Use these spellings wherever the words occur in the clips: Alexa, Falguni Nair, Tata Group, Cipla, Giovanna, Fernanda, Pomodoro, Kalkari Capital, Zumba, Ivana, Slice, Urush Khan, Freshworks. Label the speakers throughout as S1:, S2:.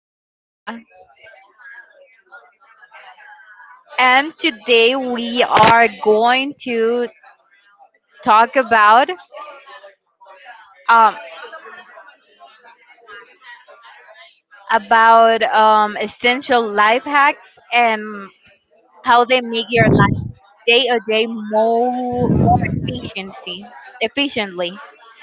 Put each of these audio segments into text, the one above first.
S1: is Fernanda, and today we are going to talk about um, essential life hacks and how they make your life day to day more efficiency efficiently.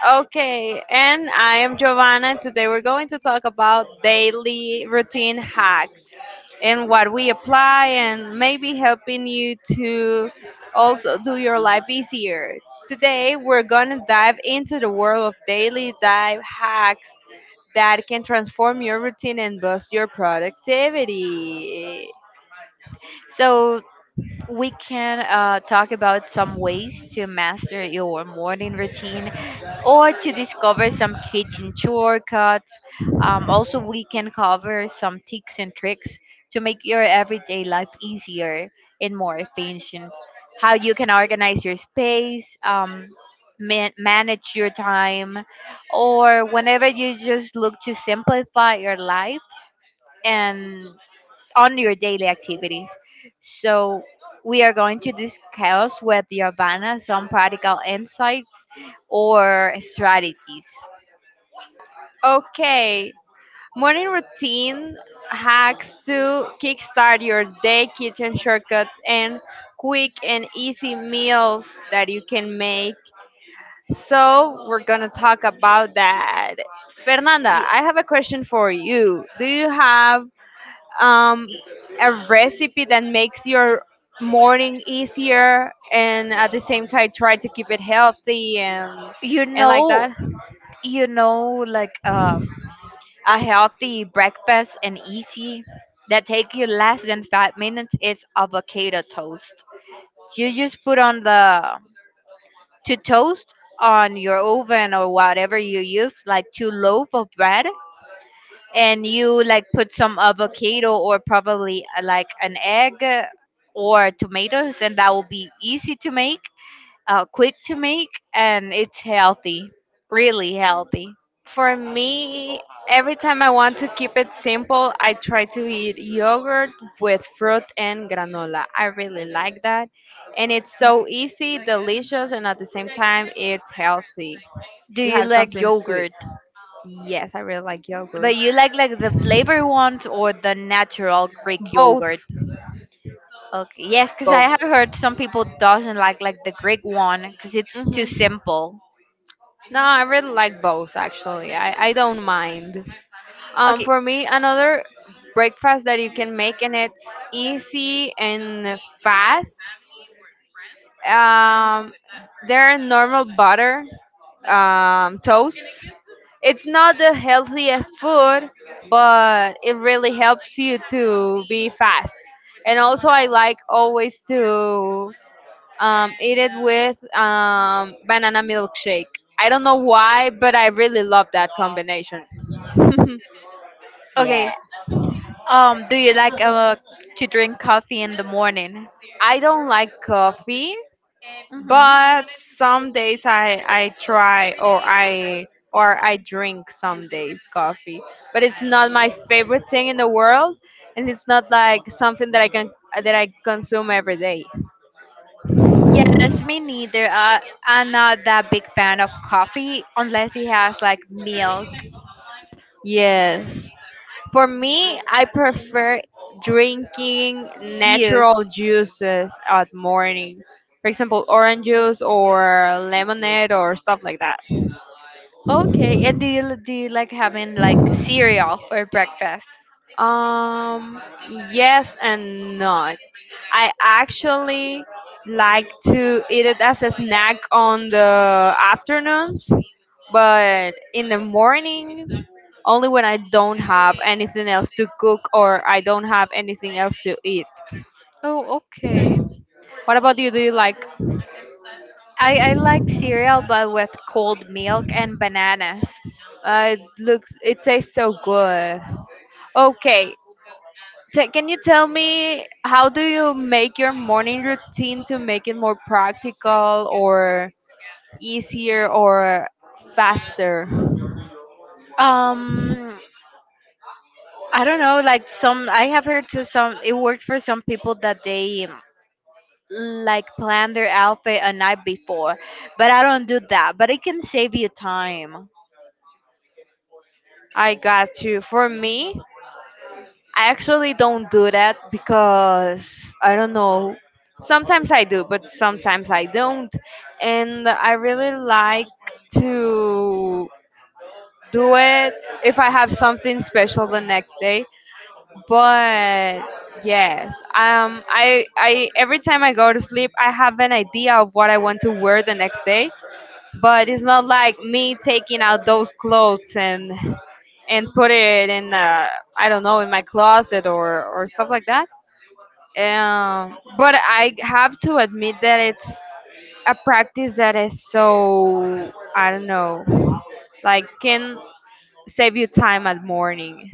S2: Okay, and I am Giovanna. Today we're going to talk about daily routine hacks and what we apply, and maybe helping you to also do your life easier. Today we're going to dive into the world of daily dive hacks that can transform your routine and boost your productivity.
S1: So we can talk about some ways to master your morning routine or to discover some kitchen shortcuts. Also, we can cover some tips and tricks to make your everyday life easier and more efficient. How you can organize your space, manage your time, or whenever you just look to simplify your life and on your daily activities. So we are going to discuss with Giovanna some practical insights or strategies.
S2: Okay, morning routine hacks to kickstart your day, kitchen shortcuts, and quick and easy meals that you can make. So, we're going to talk about that. Fernanda,
S1: Y-
S2: I have a question for you. Do you have um, a recipe that makes your morning easier and at the same time try to keep it healthy and
S1: You
S2: like
S1: know,
S2: that?
S1: you know, like um, a healthy breakfast and easy that take you less than 5 minutes is avocado toast. You just put on the to toast on your oven or whatever you use, like two loaf of bread, and you like put some avocado or probably like an egg or tomatoes, and that will be easy to make, quick to make, and it's healthy, really healthy.
S2: For me, every time I want to keep it simple, I try to eat yogurt with fruit and granola. I really like that. And it's so easy, delicious, and at the same time, it's healthy.
S1: Do
S2: You
S1: you
S2: have
S1: like
S2: something sweet.
S1: yogurt?
S2: Yes, I really like yogurt.
S1: But you like the flavor ones or the natural Greek
S2: Both.
S1: yogurt? Okay, yes, because I have
S2: Both.
S1: heard some people doesn't like the Greek one because it's too
S2: Hmm.
S1: simple.
S2: No, I really like both, actually. I don't mind. Um,
S1: Okay
S2: for me, another breakfast that you can make, and it's easy and fast, um, their normal butter, toast. It's not the healthiest food, but it really helps you to be fast. And also, I like always to eat it with banana milkshake. I don't know why, but I really love that combination.
S1: okay.
S2: Yes.
S1: Do you like to drink coffee in the morning?
S2: I don't like coffee,
S1: Hmm.
S2: but some days I try or I drink some days coffee, but it's not my favorite thing in the world, and it's not like something that I consume every day.
S1: Yes, me neither. I'm not that big fan of coffee unless it has like milk.
S2: Yes. For me, I prefer drinking natural
S1: Yes.
S2: juices at morning. For example, orange juice or lemonade or stuff like that.
S1: Okay. And do you like having like cereal for breakfast?
S2: Um, yes and no. I actually like to eat it as a snack on the afternoons, but in the morning, only when I don't have anything else to cook or I don't have anything else to eat.
S1: Oh, okay.
S2: What about you? Do you like?
S1: I like cereal but with cold milk and bananas.
S2: It tastes so good. Okay, can you tell me how do you make your morning routine to make it more practical or easier or faster?
S1: Um, I don't know. Like some, I have heard to some. It works for some people that they like plan their outfit a night before, but I don't do that. But it can save you time.
S2: I got you. For me, I actually don't do that because I don't know. Sometimes I do, but sometimes I don't. And I really like to do it if I have something special the next day. But yes, I every time I go to sleep, I have an idea of what I want to wear the next day. But it's not like me taking out those clothes and put it in, I don't know, in my closet or stuff like that. But I have to admit that it's a practice that is, so I don't know, like, can save you time at morning.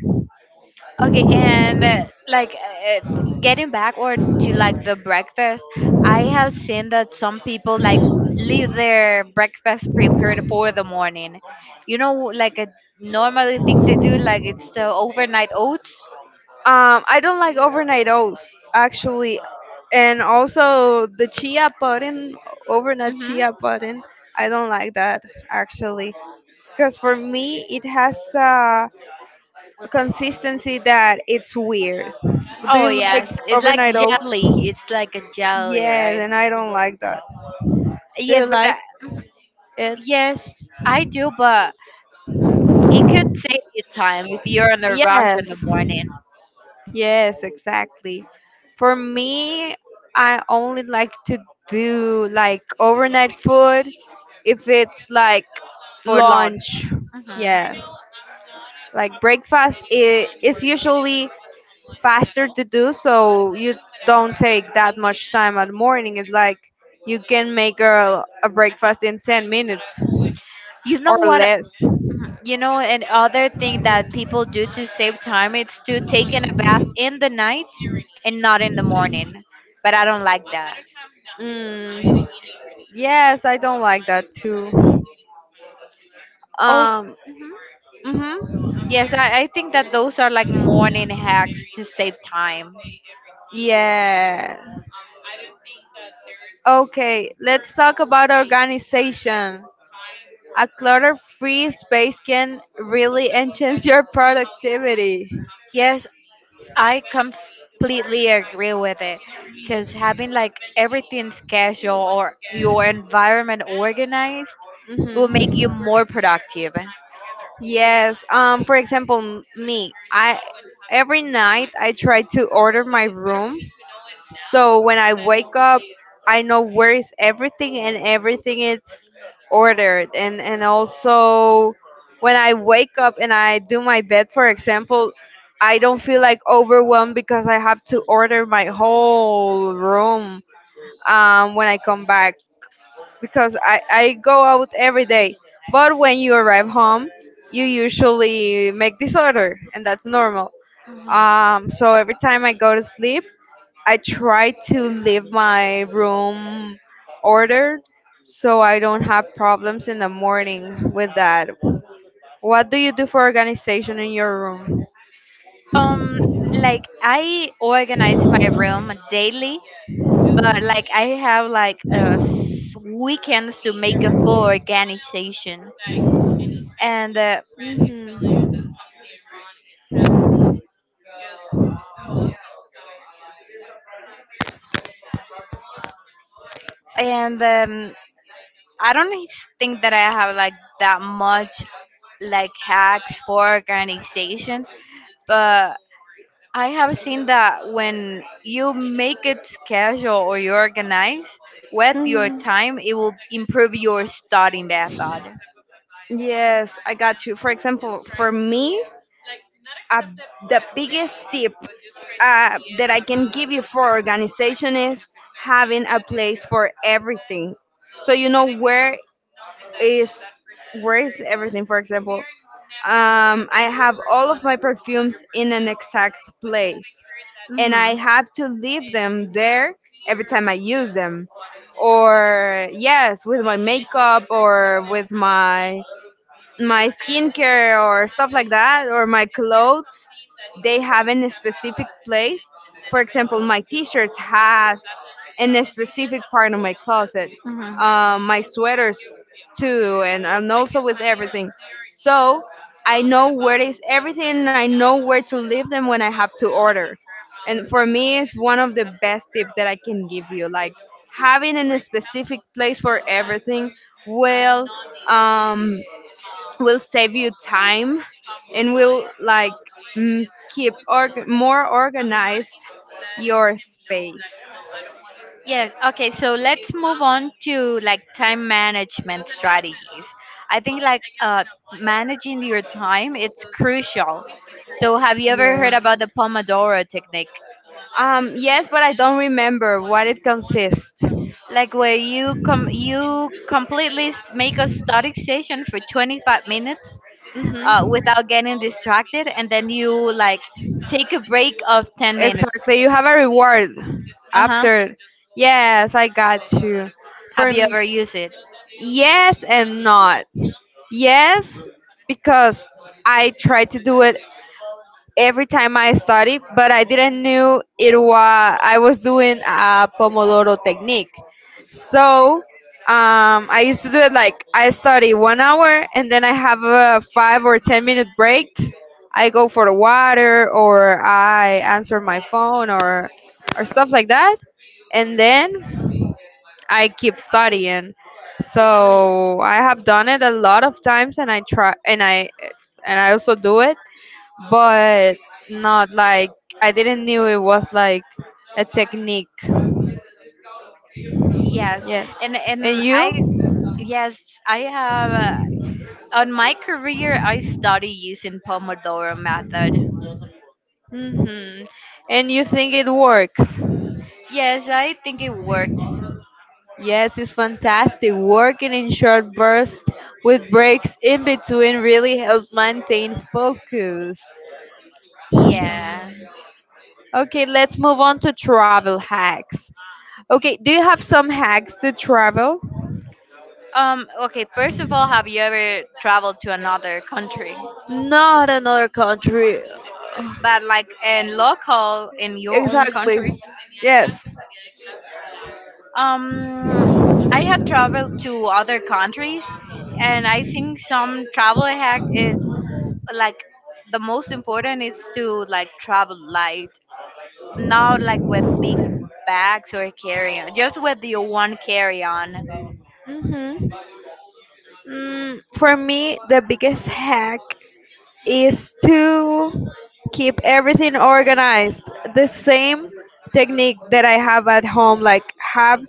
S1: Okay, and getting back or to like the breakfast, I have seen that some people like leave their breakfast prepared for the morning. You know, like a normally thing they do, like it's the overnight oats.
S2: I don't like overnight oats, actually, and also the chia pudding, overnight
S1: Mm-hmm.
S2: chia pudding. I don't like that actually, because for me it has, consistency that it's weird. Do
S1: Oh
S2: you like
S1: yes, it's like
S2: overnight oats?
S1: jelly. It's like a jelly,
S2: Yes,
S1: right?
S2: and I don't like that. Do you
S1: Yes, but
S2: like it?
S1: yes, I do, but it could save you time if you're in a rush in the
S2: Yes,
S1: morning
S2: yes, exactly. For me, I only like to do like overnight food if it's like
S1: for lunch.
S2: lunch.
S1: Hmm.
S2: Yeah, like breakfast it is usually faster to do, so you don't take that much time at morning. It's like you can make a breakfast in 10 minutes
S1: You know
S2: or
S1: what?
S2: less.
S1: Mhm. You know, and other thing that people do to save time is to taking a bath in the night and not in the morning. But I don't like that.
S2: mm, yes, I don't like that too.
S1: Oh,
S2: um
S1: mhm.
S2: mhm.
S1: Yes, I think that those are like morning hacks to save time.
S2: Yes. Okay, let's talk about organization. A clutter free space can really enhance your productivity.
S1: Yes, I completely agree with it. Because having like everything scheduled or your environment organized will make
S2: Hmm.
S1: you more productive.
S2: Yes. For example, m- me. I every night I try to order my room. So when I wake up, I know where is everything and everything is ordered. And also when I wake up and I do my bed, for example, I don't feel like overwhelmed because I have to order my whole room when I come back, because I go out every day. But when you arrive home, you usually make disorder, and that's normal.
S1: Mhm.
S2: So every time I go to sleep, I try to leave my room ordered so I don't have problems in the morning with that. What do you do for organization in your room?
S1: Um, like I organize my room daily, but like I have like weekends to make a full organization, and uh,
S2: Mhm.
S1: and I don't e, think that I have like that much like hacks for organization, but I have seen that when you make it schedule or you organize with your
S2: Mhm.
S1: time, it will improve your study method.
S2: Yes, I got you. For example, for me, a, the biggest tip, that I can give you for organization is having a place for everything. So you know is where is everything. For example, I have all of my perfumes in an exact place, and
S1: Mm-hmm.
S2: I have to leave them there every time I use them. Or yes, with my makeup or with my skincare or stuff like that or my clothes, they have in a specific place. For example, my t-shirts has in a specific part of my closet,
S1: Mm-hmm.
S2: my sweaters too, and also with everything. So I know where is everything, and I know where to leave them when I have to order, and for me it's one of the best tips that I can give you. Like, having in a specific place for everything will, um, will save you time and will, like, mm, keep more organized your space.
S1: Yes, okay, so let's move on to like time management strategies. I think like managing your time it's crucial. So have you ever heard
S2: Yes.
S1: about the Pomodoro technique?
S2: Yes, but I don't remember what it consists.
S1: Like where you completely s- make a static session for 25 minutes
S2: Hmm.
S1: without getting distracted, and then you like take a break of 10 minutes.
S2: Exactly. You have a reward
S1: Uh-huh.
S2: after. Yes, I got you. For
S1: Have you
S2: m-
S1: ever used it?
S2: yes and not. Yes, because I try to do it every time I studied, but I didn't knew it was I was doing a Pomodoro technique. So I used to do it like I study 1 hour and then I have a 5 or 10 minute break. I go for the water or I answer my phone or stuff like that, and then I keep studying. So I have done it a lot of times and I try and I also do it, but not like, I didn't knew it was like a technique.
S1: Yes.
S2: Yes. And
S1: And I
S2: you?
S1: yes, I have on my career, I started using Pomodoro method.
S2: Hmm. And you think it works?
S1: Yes, I think it works.
S2: Yes, it's fantastic. Working in short bursts with breaks in between really helps maintain focus.
S1: Yeah.
S2: Okay, let's move on to travel hacks. Okay, do you have some hacks to travel?
S1: Okay. First of all, have you ever traveled to another country?
S2: Not another country.
S1: But like in local in your own
S2: Exactly.
S1: country.
S2: Yes.
S1: Um, I have traveled to other countries, and I think some travel hack is like the most important is to like travel light. Not like with big bags or carry on, just with your one carry on.
S2: Hmm. For me, the biggest hack is to keep everything organized. The same technique that I have at home, like have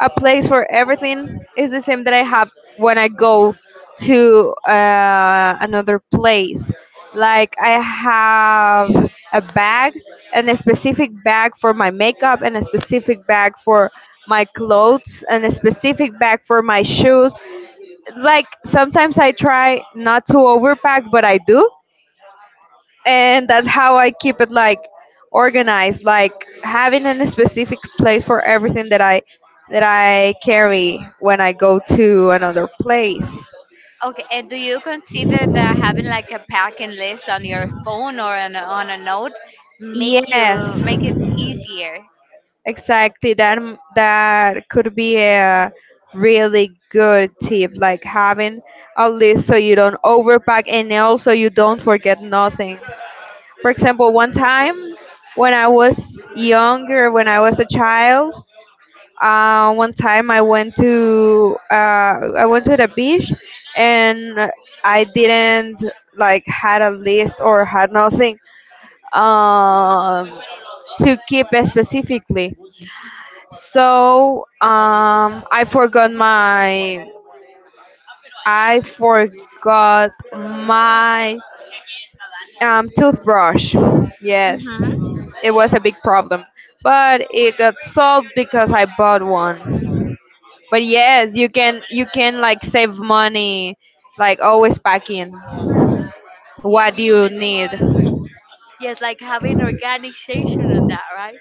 S2: a place for everything, is the same that I have when I go to, another place. Like I have a bag, and a specific bag for my makeup, and a specific bag for my clothes, and a specific bag for my shoes. Like sometimes I try not to overpack, but I do, and that's how I keep it like organized, like having a specific place for everything that I carry when I go to another place.
S1: Okay, and do you consider that having like a packing list on your phone or on on a note make you
S2: Yes,
S1: make it easier?
S2: exactly. That could be a really good tip, like having a list so you don't overpack and also you don't forget nothing. For example, one time when I was younger, when I was a child, one time I went to, I went to the beach, and I didn't like had a list or had nothing, um, to keep it specifically. So I forgot my toothbrush. Yes.
S1: Mm-hmm.
S2: It was a big problem, but it got solved because I bought one. But yes, you can like save money, like always packing what you need.
S1: Yes, like having organization on that, right?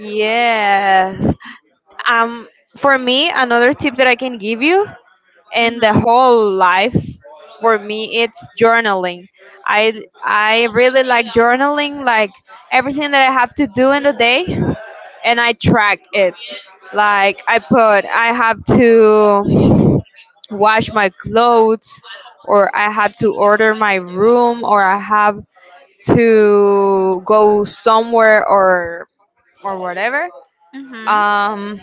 S2: Yes. Um for me, another tip that I can give you, and the
S1: Mm-hmm.
S2: whole life for me, it's journaling. I really like journaling, like everything that I have to do in the day, and I track it. Like I have to wash my clothes, or I have to order my room, or I have to go somewhere, or whatever.
S1: Mm-hmm.
S2: Um,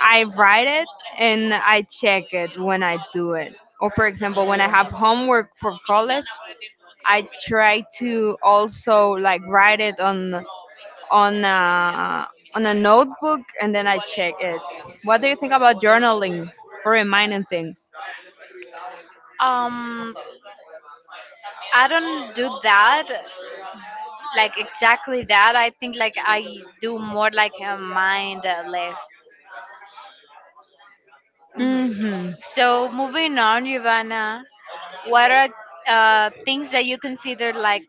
S2: I write it and I check it when I do it. Or for example, when I have homework for college, I try to also like write it on, on a, on a notebook, and then I check it. What do you think about journaling for reminding things?
S1: Um, I don't do that, like exactly that. I think like I do more like a mind list. Mhm.
S2: Hmm.
S1: So moving on, Ivana, what are things that you consider like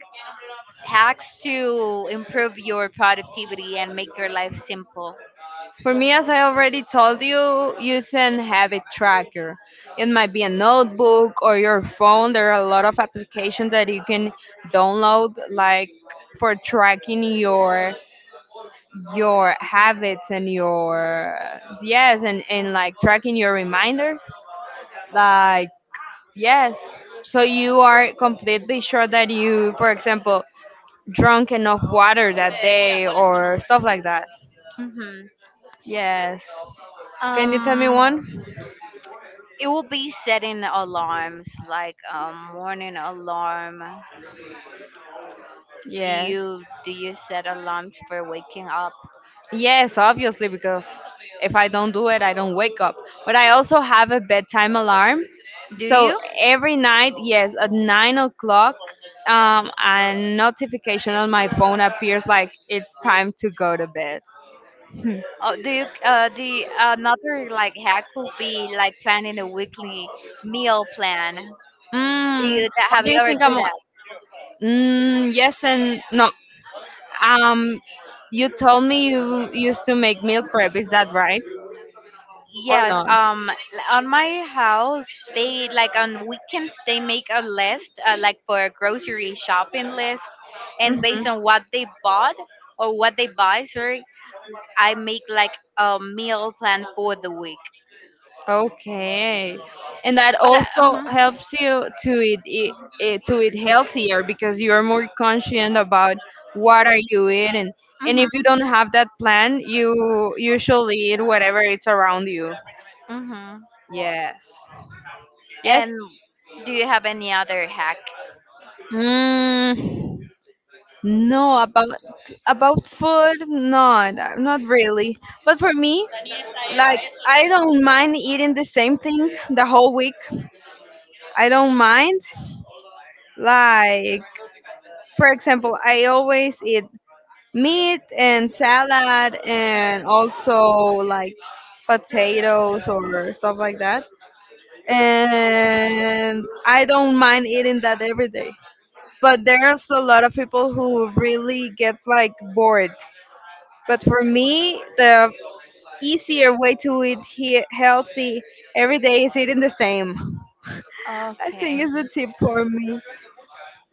S1: hacks to improve your productivity and make your life simple?
S2: For me, as I already told you, use an habit tracker. It might be a notebook or your phone. There are a lot of applications that you can download, like for tracking your habits and your yes, and like tracking your reminders. Like yes, so you are completely sure that you, for example, drunk enough water that day or stuff like that.
S1: Hmm.
S2: Yes. Can you tell me
S1: Um,
S2: one?
S1: it will be setting alarms, like a morning alarm. Do
S2: Yes.
S1: you do you set alarms for waking up?
S2: Yes, obviously, because if I don't do it, I don't wake up. But I also have a bedtime alarm.
S1: Do
S2: So
S1: you?
S2: every night, yes, at 9 o'clock, a notification on my phone appears like it's time to go to bed. Hmm.
S1: Oh, do you? The another like hack would be like planning a weekly meal plan. Do
S2: Mm,
S1: you that
S2: what
S1: have
S2: do
S1: you
S2: you
S1: ever
S2: think
S1: do
S2: I'm?
S1: that?
S2: Mm, yes and no. Um, you told me you used to make meal prep. Is that right or
S1: Yes.
S2: not?
S1: On my house, they like on weekends they make a list, like for a grocery shopping list, and
S2: Mm-hmm.
S1: based on what they bought or what they buy, sorry, I make like a meal plan for the week.
S2: Okay, and that
S1: But uh,
S2: also
S1: mhm,
S2: helps you to eat healthier because you are more conscient about what are you eating. And if you
S1: mhm,
S2: don't have that plan, you usually eat whatever it's around you.
S1: mhm.
S2: Yes.
S1: And
S2: Yes.
S1: do you have any other hack?
S2: Mm, no, about food, not really. But for me, like I don't mind eating the same thing the whole week. I don't mind. Like For example, I always eat meat and salad and also like potatoes or stuff like that. And I don't mind eating that every day. But there's a lot of people who really gets like bored. But for me, the easier way to eat healthy every day is eating the same. I think
S1: Okay.
S2: is a tip for me.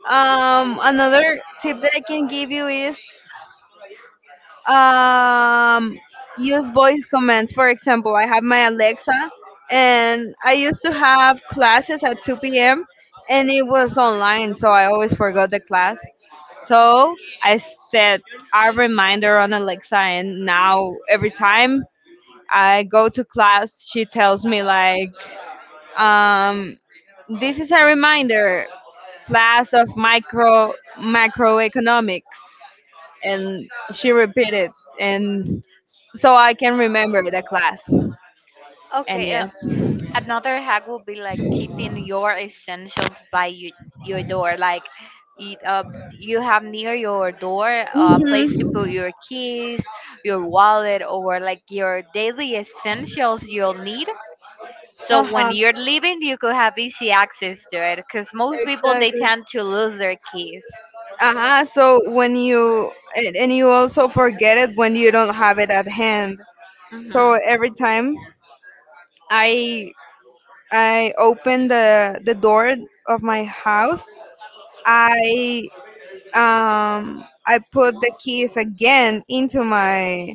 S2: Another tip that I can give you is um, use voice commands. For example, I have my Alexa, and I used to have classes at 2 p.m. and it was online, so I always forgot the class. So I set a reminder on Alexa, and now every time I go to class, she tells me like, um, "This is a reminder, class of micro macroeconomics." And she repeated and so I can remember the class. And
S1: Okay.
S2: yes.
S1: Another hack will be like keeping your essentials by you, your door. Like, eat up, you have near your door a place to
S2: Mhm.
S1: put your keys, your wallet, or like your daily essentials you'll need. So when
S2: Uh-huh.
S1: you're leaving, you could have easy access to it. Because most people they
S2: Exactly.
S1: tend to lose their keys.
S2: Uh-huh. So when you and you also forget it when you don't have it at hand.
S1: Hmm.
S2: So every time I I open the door of my house, I I put the keys again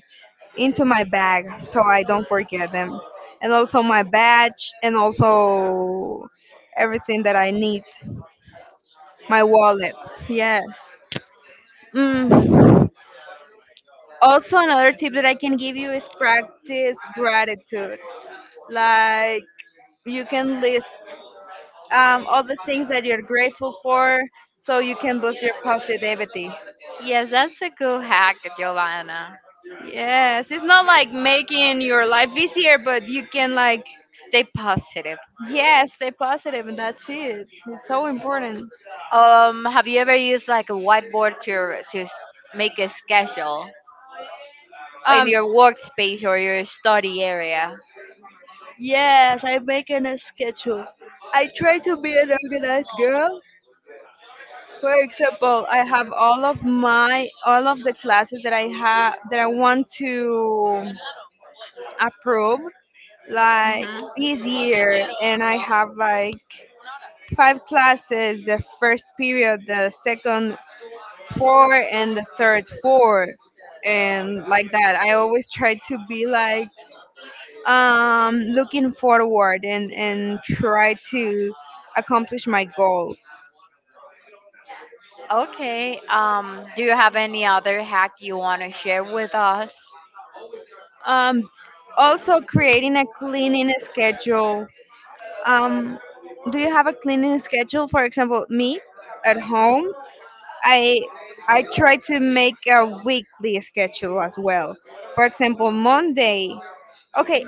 S2: into my bag so I don't forget them. And also my badge and also everything that I need. My wallet. Yes. Mm. Also, another tip that I can give you is practice gratitude. Like, you can list all the things that you're grateful for so you can boost your positivity.
S1: Yes, that's a good hack, Giovanna.
S2: Yes, it's not like making your life easier, but you can, like,
S1: Stay positive.
S2: yes, stay positive, and that's it. It's so important.
S1: Have you ever used like a whiteboard to s- make a schedule in
S2: Um,
S1: your workspace or your study area?
S2: yes, I make a schedule. I try to be an organized girl. For example, I have all of the classes that I have that I want to approve. Like
S1: Hmm.
S2: this year, and I have like five classes: the first period, the second four, and the third four, and like that. I always try to be like looking forward and try to accomplish my goals.
S1: Okay. Do you have any other hack you want to share with us?
S2: Um, Also, creating a cleaning schedule. Um, do you have a cleaning schedule? For example, me at home, I I try to make a weekly schedule as well. For example, Monday. Okay,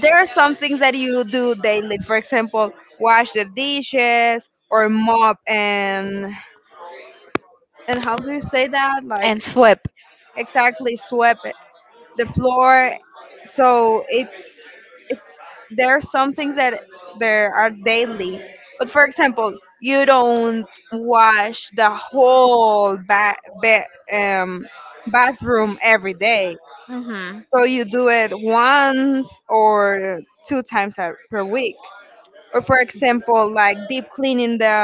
S2: there are some things that you do daily. For example, wash the dishes or mop and how do you say that? Like
S1: And sweep.
S2: exactly sweep it, the floor. So it's there are some things that there are daily. But for example, you don't wash the whole um, bathroom every day.
S1: Hmm.
S2: So you do it once or two times per week. Or for example, like deep cleaning the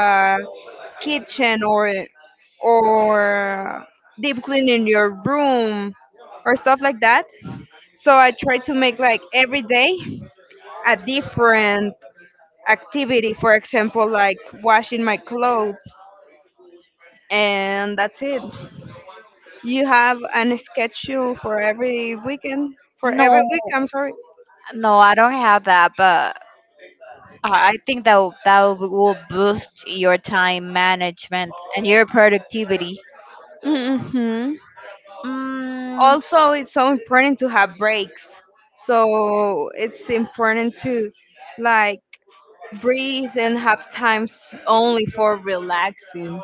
S2: kitchen or or deep cleaning your room or stuff like that. So I try to make like every day a different activity. For example, like washing my clothes, and that's it. You have an schedule for every weekend. For every
S1: No,
S2: week, I'm sorry.
S1: no, I don't have that, but I think that will- that will boost your time management and your productivity.
S2: Hmm
S1: Mm,
S2: Also, it's so important to have breaks. So it's important to like breathe and have times only for relaxing.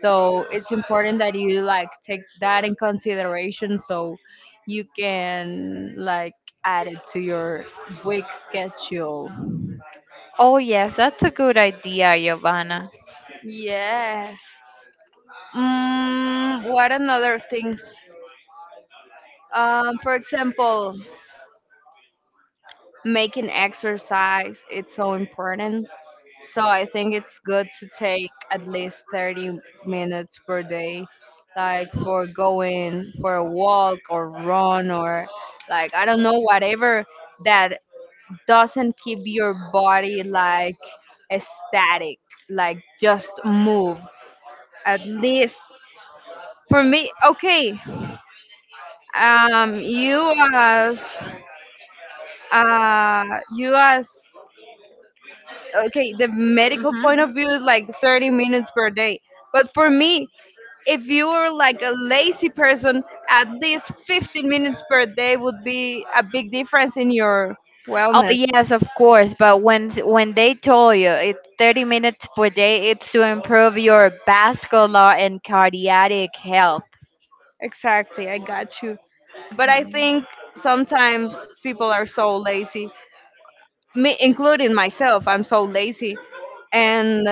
S2: So it's important that you like take that in consideration so you can like add it to your week schedule.
S1: oh yes, that's a good idea, Giovanna.
S2: Yes. What another things? For example, making exercise. It's so important. So I think it's good to take at least 30 minutes per day, like for going for a walk or run or like I don't know whatever that doesn't keep your body like static, like just move. At least for me, okay. Um, you as uh you as okay the medical point of view is like 30 minutes per day but for me if you were like a lazy person, at least 15 minutes per day would be a big difference in your
S1: Oh
S2: wellness.
S1: yes, of course. But when they told you it's 30 minutes per day, it's to improve your vascular and cardiac health.
S2: Exactly, I got you. But I
S1: Mhm.
S2: think sometimes people are so lazy, me including myself. I'm so lazy, and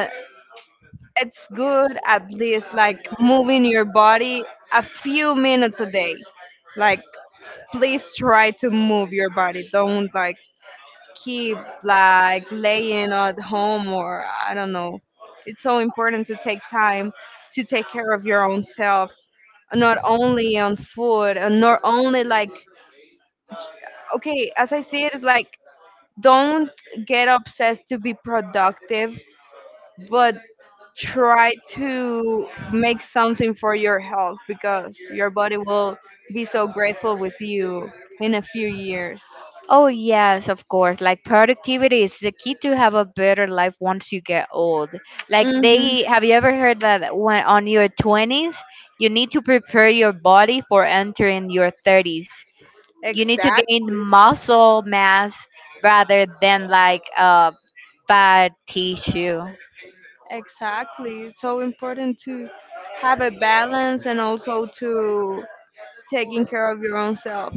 S2: it's good at least like moving your body a few minutes a day. Like, please try to move your body. Don't like keep like laying at home or I don't know. It's so important to take time to take care of your own self, not only on food and not only like okay, as I see it, it's like don't get obsessed to be productive, but try to make something for your health because your body will be so grateful with you in a few years.
S1: Oh yes, of course. Like productivity is the key to have a better life once you get old. Like
S2: Mm-hmm.
S1: they have you ever heard that when on your 20s, you need to prepare your body for entering your 30s. You need to gain
S2: Exactly.
S1: muscle mass rather than like fat tissue.
S2: Exactly. It's so important to have a balance and also to taking care of your own self.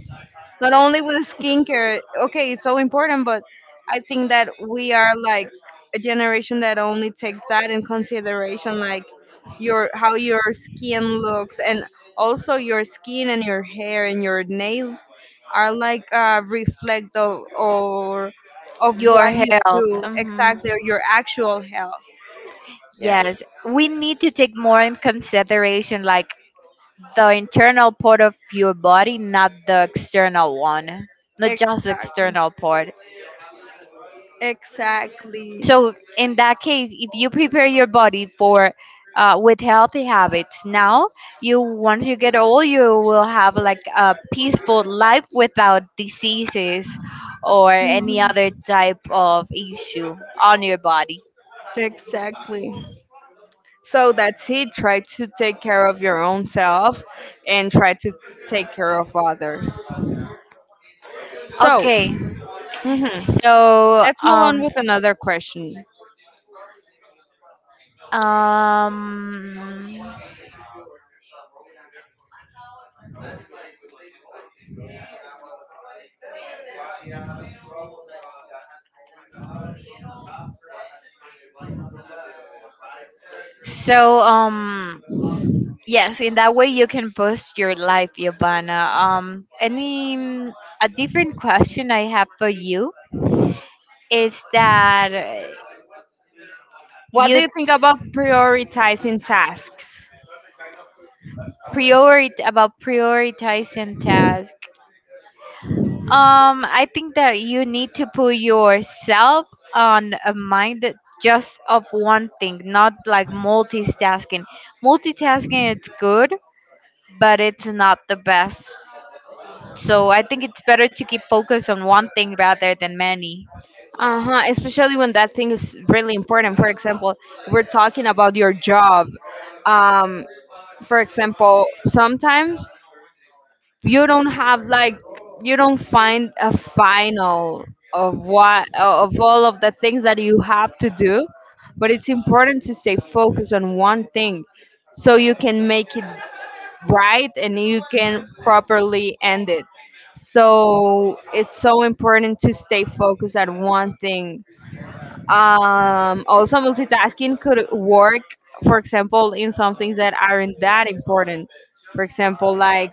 S2: Not only with skincare, okay, it's so important, but I think that we are like a generation that only takes that in consideration, like your how your skin looks and also your skin and your hair and your nails are like a reflect of or of
S1: Your
S2: what you
S1: health.
S2: do exactly
S1: Mhm.
S2: or your actual health. Yeah.
S1: Yes, we need to take more in consideration like the internal part of your body, not the external one, not just the
S2: Exactly.
S1: external part.
S2: Exactly.
S1: So in that case, if you prepare your body for with healthy habits now, you once you get old, you will have like a peaceful life without diseases or any
S2: Mhm.
S1: other type of issue on your body.
S2: Exactly. So that's it. Try to take care of your own self and try to take care of others. So
S1: Okay,
S2: mhm,
S1: So
S2: let's move on
S1: um
S2: with another question.
S1: um so um yes, in that way you can boost your life, Yovana. Any a different question I have for you is that
S2: What do
S1: you
S2: you think about prioritizing tasks?
S1: prioritize about prioritizing tasks. I think that you need to put yourself on a mind that just of one thing, not like multitasking. Multitasking is good but it's not the best. So I think it's better to keep focus on one thing rather than many.
S2: Uh huh. Especially when that thing is really important. For example, we're talking about your job. Um, for example, sometimes you don't have like you don't find a final of what of all of the things that you have to do but it's important to stay focused on one thing so you can make it right and you can properly end it so it's so important to stay focused at one thing. Also multitasking could work, for example, in some things that aren't that important. For example, like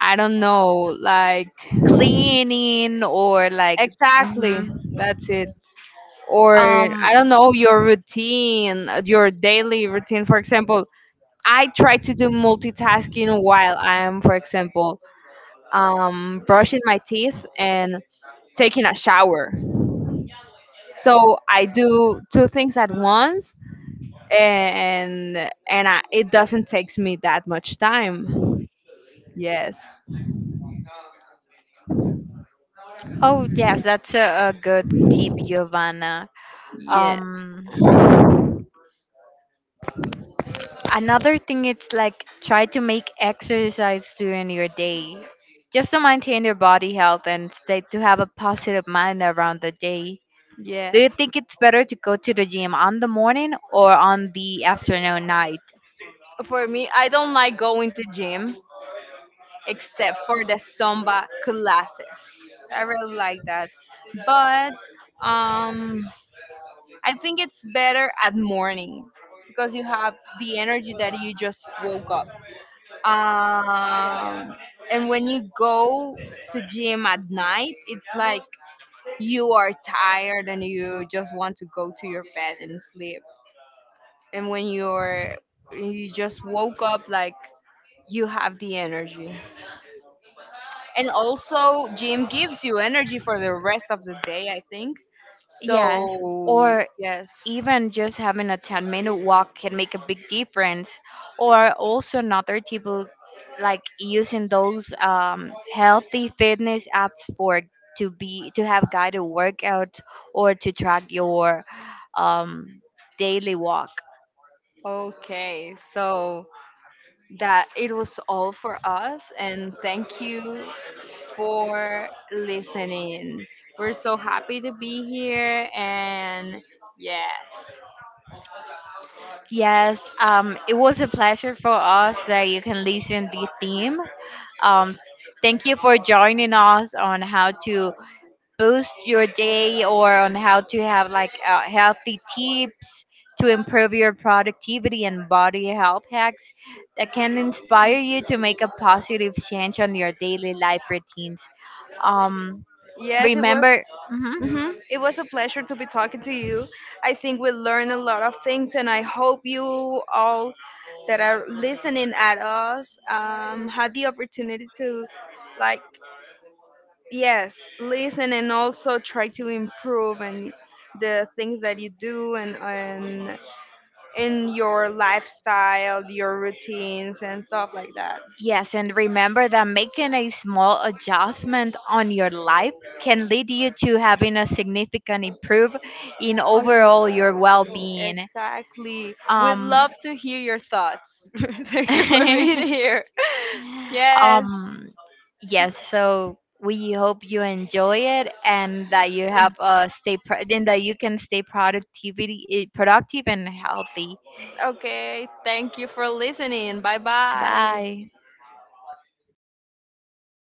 S2: I don't know, like
S1: Cleaning or like hmm
S2: exactly, that's it. Or
S1: um
S2: I don't know, your routine, your daily routine. For example, I try to do multitasking while I'm, for example, brushing my teeth and taking a shower. So I do two things at once, and and I, it doesn't takes me that much time. Yes,
S1: oh yes, that's a good tip, Giovanna.
S2: yeah,
S1: Um Another thing it's like try to make exercise during your day. Just to maintain your body health and stay to have a positive mind around the day. Do you
S2: yes.
S1: think it's better to go to the gym on the morning or on the afternoon night?
S2: For me, I don't like going to gym except for the Zumba classes. I really like that. But um, I think it's better at morning because you have the energy that you just woke up. Um, and when you go to gym at night, it's like you are tired and you just want to go to your bed and sleep. And when you just woke up, like you have the energy. And also gym gives you energy for the rest of the day, I think.
S1: Yes,
S2: So
S1: or
S2: yes,
S1: even just having a 10-minute walk can make a big difference. Or also another people like using those healthy fitness apps for to be to have guided workouts or to track your um, daily walk.
S2: okay, so that it was all for us, and thank you for listening. We're so happy to be here, and yes.
S1: Yes, it was a pleasure for us that you can listen the theme. Um, Thank you for joining us on how to boost your day or on how to have like healthy tips to improve your productivity and body health hacks that can inspire you to make a positive change on your daily life routines. Um,
S2: Yes, it was.
S1: remember, Mhm.
S2: Hmm It was a pleasure to be talking to you. I think we learned a lot of things, and I hope you all that are listening at us had the opportunity to, like, yes, listen and also try to improve and the things that you do and in your lifestyle, your routines and stuff like that.
S1: yes, and remember that making a small adjustment on your life can lead you to having a significant improve in
S2: On your
S1: overall your
S2: well-being.
S1: well-being.
S2: Exactly. We'd
S1: Um,
S2: love to hear your thoughts. Thank you for being here. Yes.
S1: Um, yes, so we hope you enjoy it and that you have a stay pro- and that you can stay productivity eh, productive and healthy.
S2: Okay. Thank you for listening. Bye bye.
S1: Bye.